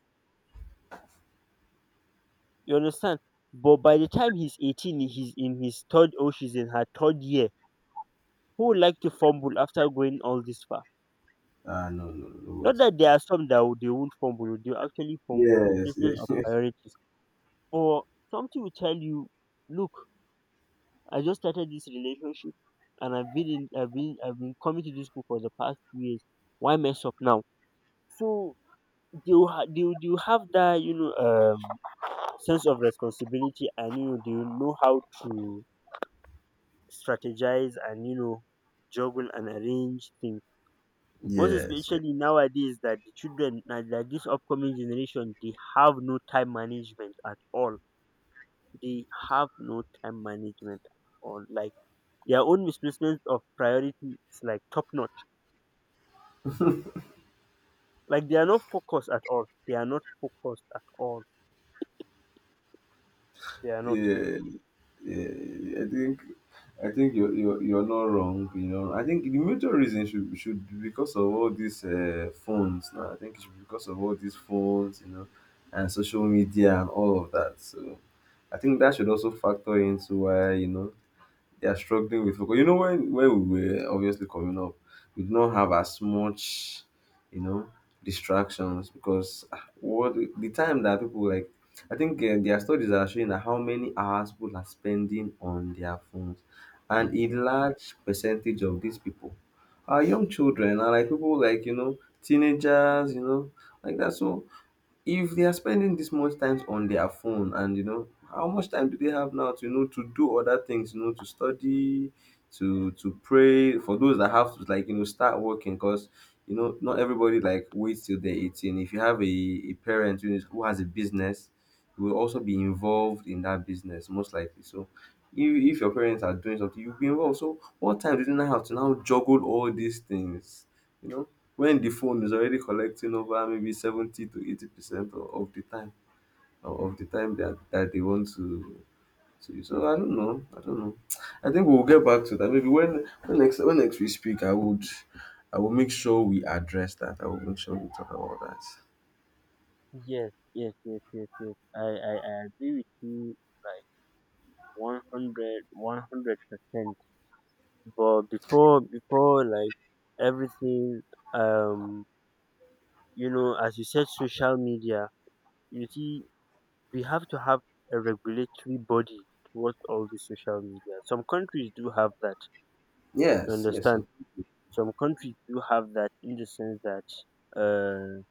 Speaker 1: You understand? But by the time he's 18, he's in his third or she's in her third year. Who would like to fumble after going all this far?
Speaker 2: Ah, no, no, no, what?
Speaker 1: Not that there are some that they won't fumble, they will actually fumble. It's
Speaker 2: Yes,
Speaker 1: business
Speaker 2: yes.
Speaker 1: of
Speaker 2: [LAUGHS]
Speaker 1: priorities. Or something will tell you, look, I just started this relationship, and I've been in, I've been coming to this book for the past 2 years. Why mess up now? So they will, ha- they will have that, sense of responsibility, and they will know how to strategize and juggle and arrange things. Most
Speaker 2: Yes, yes.
Speaker 1: especially nowadays that the children na, that this upcoming generation, they have no time management at all, they have no time management at all, like their own misplacement of priority is like top notch, like they are not focused at all, they are not focused at all, they are not.
Speaker 2: Yeah, yeah. I think you're you're not wrong. You know, I think the major reason should be because of all these phones. Now, I think it should be because of all these phones, you know, and social media and all of that. So, I think that should also factor into why you know they are struggling with focus. You know, when we were obviously coming up, we did not have as much, you know, distractions because ah, what the time that people like, I think their studies are showing that how many hours people are spending on their phones, and a large percentage of these people are young children, are like people like you know teenagers, you know, like that. So if they are spending this much time on their phone, and you know how much time do they have now to you know to do other things, you know, to study, to pray, for those that have to like you know start working, because you know not everybody like waits till they're 18. If you have a parent who, is, who has a business, you will also be involved in that business most likely. So if your parents are doing something, you'll be involved. So what time do they now have to now juggle all these things, you know, when the phone is already collecting over maybe 70 to 80% of the time, or of the time that, that they want to use. So I don't know. I don't know. I think we'll get back to that. Maybe when next we speak, I would I will make sure we address that. I will make sure we talk about that.
Speaker 1: Yes, yes, yes, yes, yes, I agree with you, like one hundred percent. But before, like everything, um as you said, social media. You see, we have to have a regulatory body towards all the social media. Some countries do have that. You
Speaker 2: Yes, yes.
Speaker 1: understand?
Speaker 2: So.
Speaker 1: Some countries do have that, in the sense that, uh,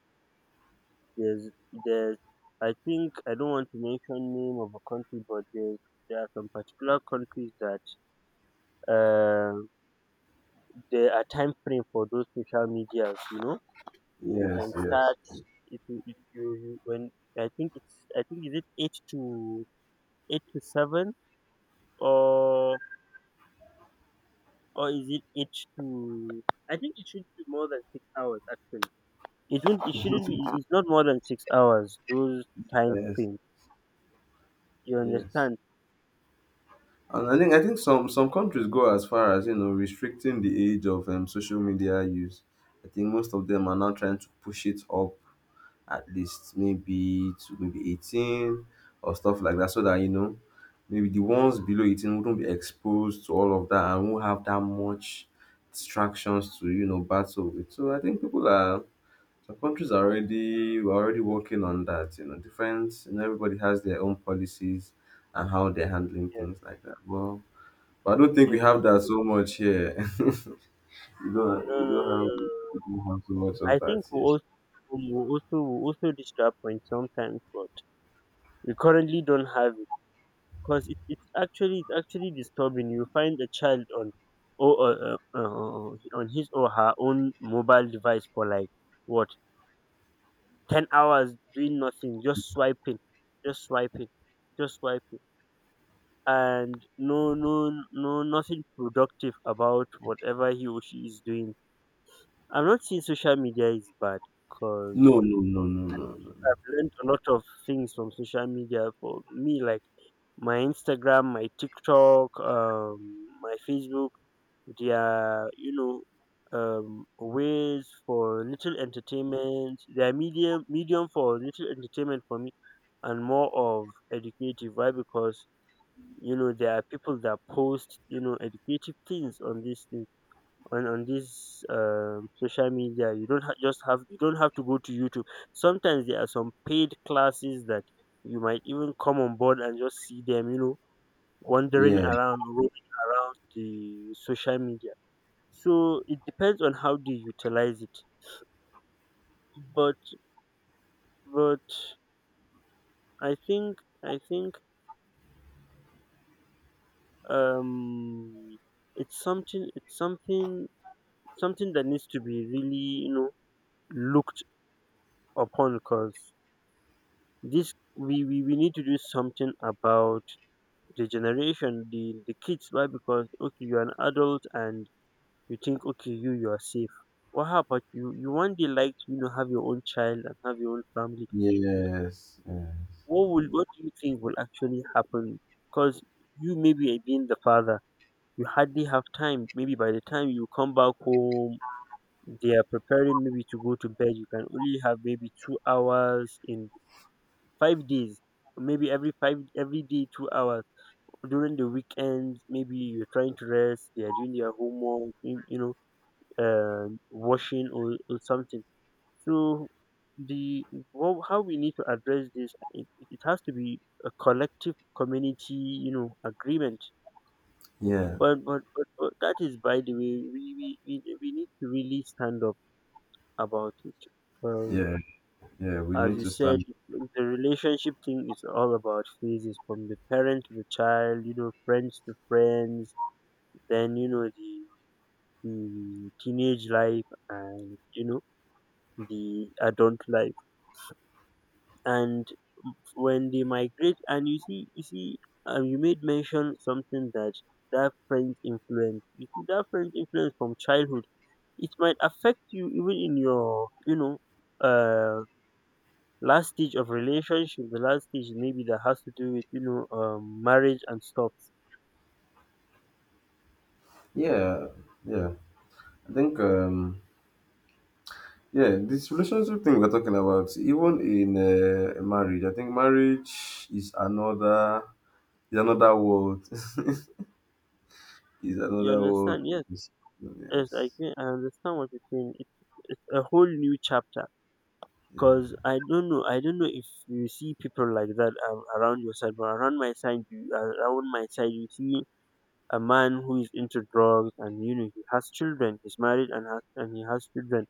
Speaker 1: there's I think, I don't want to mention name of a country, but there are some particular countries that, uh, there are time frame for those social medias. You know, you can
Speaker 2: Yes, yes.
Speaker 1: start if you, you when I think is it eight to 8 to 7, or or is it 8 to, I think it should be more than 6 hours actually. It won't, it shouldn't be, it's not more than 6 hours, those time
Speaker 2: Yes,
Speaker 1: frames. You
Speaker 2: yes.
Speaker 1: understand?
Speaker 2: And I think some countries go as far as you know restricting the age of social media use. I think most of them are now trying to push it up at least maybe to maybe 18 or stuff like that, so that you know maybe the ones below 18 wouldn't be exposed to all of that and won't have that much distractions to you know battle with. So I think people are some countries are already we're already working on that, you know, different, and everybody has their own policies and how they're handling
Speaker 1: Yes,
Speaker 2: things like that. Well, but I don't think we
Speaker 1: yes.
Speaker 2: have that so much here. [LAUGHS] You don't
Speaker 1: No, no, no, no, no,
Speaker 2: you don't have so much
Speaker 1: no. I
Speaker 2: of that
Speaker 1: think we
Speaker 2: here.
Speaker 1: also we also reach that point sometimes, but we currently don't have it, because it's actually disturbing. You find a child on, or on his or her own mobile device for, like, what, 10 hours, doing nothing, just swiping, just swiping, just swiping, and no, no, no, nothing productive about whatever he or she is doing. I'm not saying social media is bad,
Speaker 2: No,
Speaker 1: because
Speaker 2: no, no, no, no, no,
Speaker 1: I've learned a lot of things from social media. For me, like, my Instagram, my TikTok, my Facebook, they are, ways for little entertainment. They are medium for little entertainment for me, and more of educative. Why? Because there are people that post educative things on this thing, on this social media. You don't have to go to YouTube. Sometimes there are some paid classes that you might even come on board and just see them, you know, wandering
Speaker 2: yeah.
Speaker 1: around, roaming around the social media. So it depends on how they utilize it. But but I think I think um it's something that needs to be really, looked upon. Because, this, we need to do something about the generation, the kids. Why? Because, okay, you're an adult, and you think, okay, you are safe. What happened? You one day like to, have your own child and have your own family.
Speaker 2: Yes. Yeah.
Speaker 1: What will what do you think will actually happen? Because you, maybe, being the father, you hardly have time. Maybe by the time you come back home, they are preparing, maybe, to go to bed. You can only have maybe 2 hours in 5 days, or maybe every day 2 hours during the weekend. Maybe you're trying to rest. They are doing their homework. You, washing, or something. So, the well, how we need to address this, it has to be a collective community, agreement.
Speaker 2: Yeah.
Speaker 1: But but that is by the way. We need to really stand up about it Um.
Speaker 2: Yeah. Yeah. We
Speaker 1: As
Speaker 2: need
Speaker 1: you
Speaker 2: to
Speaker 1: said,
Speaker 2: stand.
Speaker 1: if the relationship thing is all about phases from the parent to the child, friends to friends, then, the teenage life, and, the adult life. And when they migrate, and you see, you made mention something that friend's influence, you see, that friend's influence from childhood, it might affect you even in your, uh, last stage of relationship, the last stage, maybe, that has to do with, marriage and stuff.
Speaker 2: Yeah. Yeah. I think. Yeah. This relationship thing we're talking about, even in marriage, I think marriage is another, is another world. [LAUGHS] Is
Speaker 1: You
Speaker 2: another world.
Speaker 1: understand? Yes,
Speaker 2: Yes.
Speaker 1: yes, I
Speaker 2: Yes.
Speaker 1: can. I understand what you're saying. It's a whole new chapter,
Speaker 2: Yeah.
Speaker 1: because I don't know, I don't know if you see people like that around your side. But around my side, you see a man who is into drugs, and he has children. He's married, and he has children.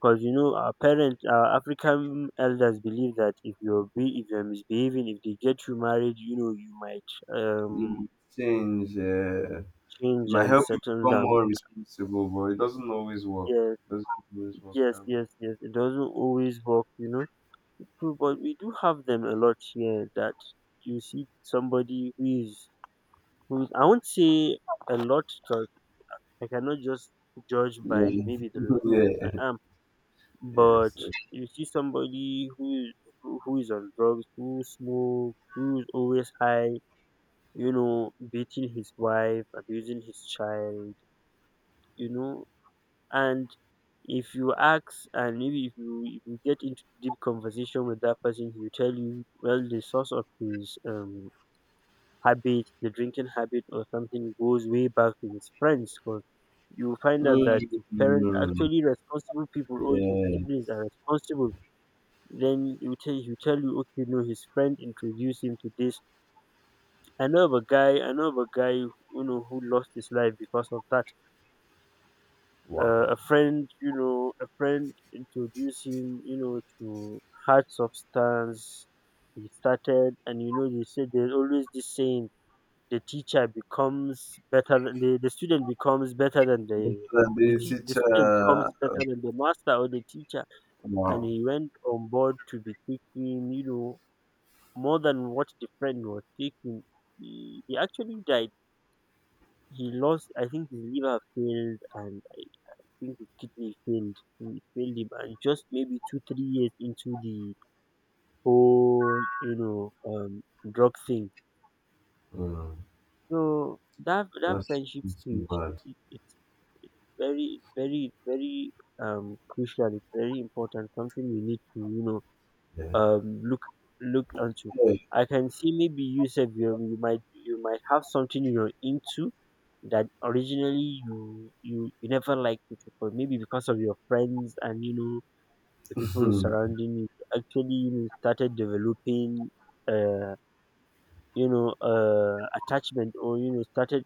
Speaker 1: Because our parents, our African elders, believe that if you're misbehaving, if they get you married, you might
Speaker 2: It
Speaker 1: um
Speaker 2: might change. It
Speaker 1: change
Speaker 2: might
Speaker 1: and
Speaker 2: help you
Speaker 1: settle
Speaker 2: become
Speaker 1: down.
Speaker 2: more responsible, but it doesn't always work.
Speaker 1: Yes,
Speaker 2: Doesn't always work
Speaker 1: yes,
Speaker 2: that way.
Speaker 1: yes, yes. It doesn't always work. So, but we do have them a lot here that you see somebody who is, I won't say a lot, because I cannot just judge by
Speaker 2: Yeah.
Speaker 1: maybe the
Speaker 2: [LAUGHS]
Speaker 1: location
Speaker 2: Yeah.
Speaker 1: I am. But
Speaker 2: Yes. Yes.
Speaker 1: you see somebody who is, who is on drugs, who smoke, who is always high, beating his wife, abusing his child, you know, and if you ask, and maybe if you get into deep conversation with that person, he'll tell you, well, the source of his habit, the drinking habit or something, goes way back to his friends, because you find out that
Speaker 2: Mm.
Speaker 1: his parents are
Speaker 2: Mm.
Speaker 1: actually responsible people, or his
Speaker 2: Yeah.
Speaker 1: siblings are responsible. Then he will tell you, okay, no, his friend introduced him to this. I know of a guy, I know of a guy, who lost his life because of that.
Speaker 2: Wow.
Speaker 1: A friend introduced him, to hard substance. He started, and they say there's always this saying: the teacher becomes better than the, the student becomes better than the
Speaker 2: But, the
Speaker 1: the student becomes
Speaker 2: teacher.
Speaker 1: better than the master or the teacher. And
Speaker 2: Wow.
Speaker 1: he went on board to be taking, more than what the friend was taking. He actually died. I think his liver failed, and I think his kidney failed. He failed him, and just maybe two, 3 years into the whole, drug thing.
Speaker 2: Mm.
Speaker 1: So that
Speaker 2: that's,
Speaker 1: friendship
Speaker 2: that's too
Speaker 1: stage,
Speaker 2: bad.
Speaker 1: it's very, very, very, crucial. It's very important. Something we need to,
Speaker 2: Yeah.
Speaker 1: um look look into.
Speaker 2: Yeah.
Speaker 1: I can see, maybe you said you might have something you're into, that originally you never liked it, but maybe because of your friends, and the people
Speaker 2: [LAUGHS] [CLEARS THROAT]
Speaker 1: surrounding you, you actually, started developing uh attachment, or started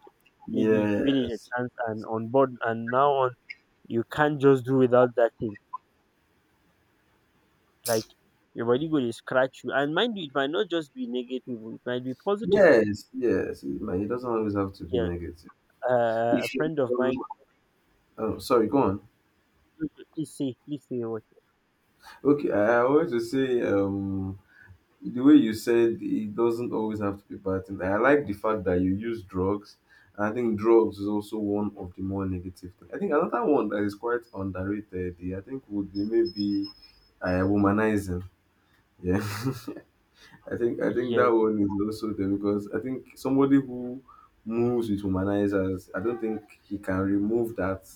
Speaker 1: maybe giving it a
Speaker 2: Yes,
Speaker 1: chance, and on board, and now on, you can't just do without that thing, like your body go dey scratch you. And mind you, it might not just be negative, oh, it might be positive.
Speaker 2: yes, yes. It might- it doesn't always have to be
Speaker 1: Yeah,
Speaker 2: negative. If
Speaker 1: a
Speaker 2: should,
Speaker 1: friend of mine.
Speaker 2: sorry, go on.
Speaker 1: Please say what.
Speaker 2: Okay, I wanted to say, the way you said it doesn't always have to be bad things. I like the fact that you use drugs. And I think drugs is also one of the more negative things. I think another one that is quite underrated, eh, I think, would be maybe womanizing. Yeah. [LAUGHS] I think that
Speaker 1: Yes,
Speaker 2: one is also there because I think somebody who moves with humanizers, I don't think he can remove that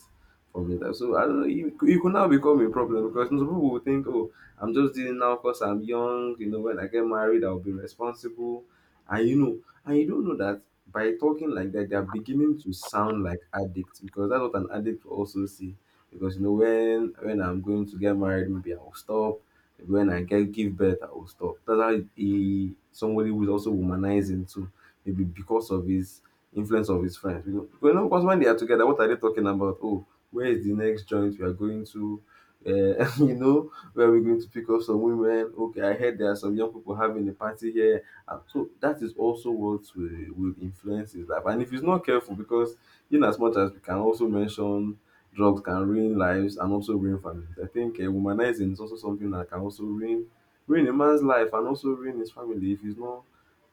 Speaker 2: from it. So I don't know, you could now become a problem because some people will think, oh, I'm just dealing now because I'm young. You know, when I get married, I'll be responsible, and you know, and you don't know that by talking like that, they are beginning to sound like addicts, because that's what an addict will also see. Because you know, when I'm going to get married, maybe I will stop. When I get give birth, I will stop. That's how he somebody who is also womanizing too, maybe because of his influence of his friends. You know, because when they are together, what are they talking about? Oh, where is the next joint we are going to? Uh, [LAUGHS] you know, where are we going to pick up some women? Okay, I heard there are some young people having a party here. And so that is also what will influence his life. And if he's not careful, because in as much as we can also mention drugs can ruin lives and also ruin families. I think womanizing is also something that can also ruin a man's life and also ruin his family if it's not,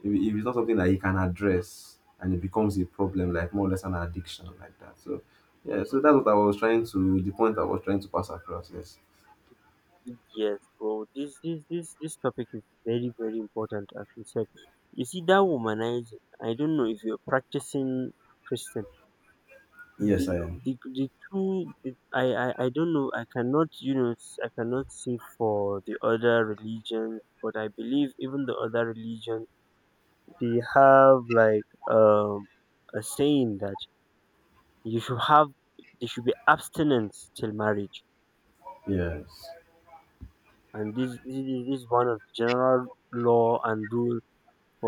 Speaker 2: if, if it's not something that he can address and it becomes a problem, like more or less an addiction like that. So yeah, so that's what I was trying to, the point I was trying to pass across. Yes.
Speaker 1: yes, bro. This topic is very, very important. As you said, you see that womanizing. I don't know if you're practicing Christian.
Speaker 2: Yes, I
Speaker 1: The,
Speaker 2: am.
Speaker 1: the two. I don't know. I cannot, I cannot say for the other religion. But I believe even the other religion, they have, like, a saying that you should have there should be abstinence till marriage.
Speaker 2: Yes.
Speaker 1: And this is one of the general law and rule for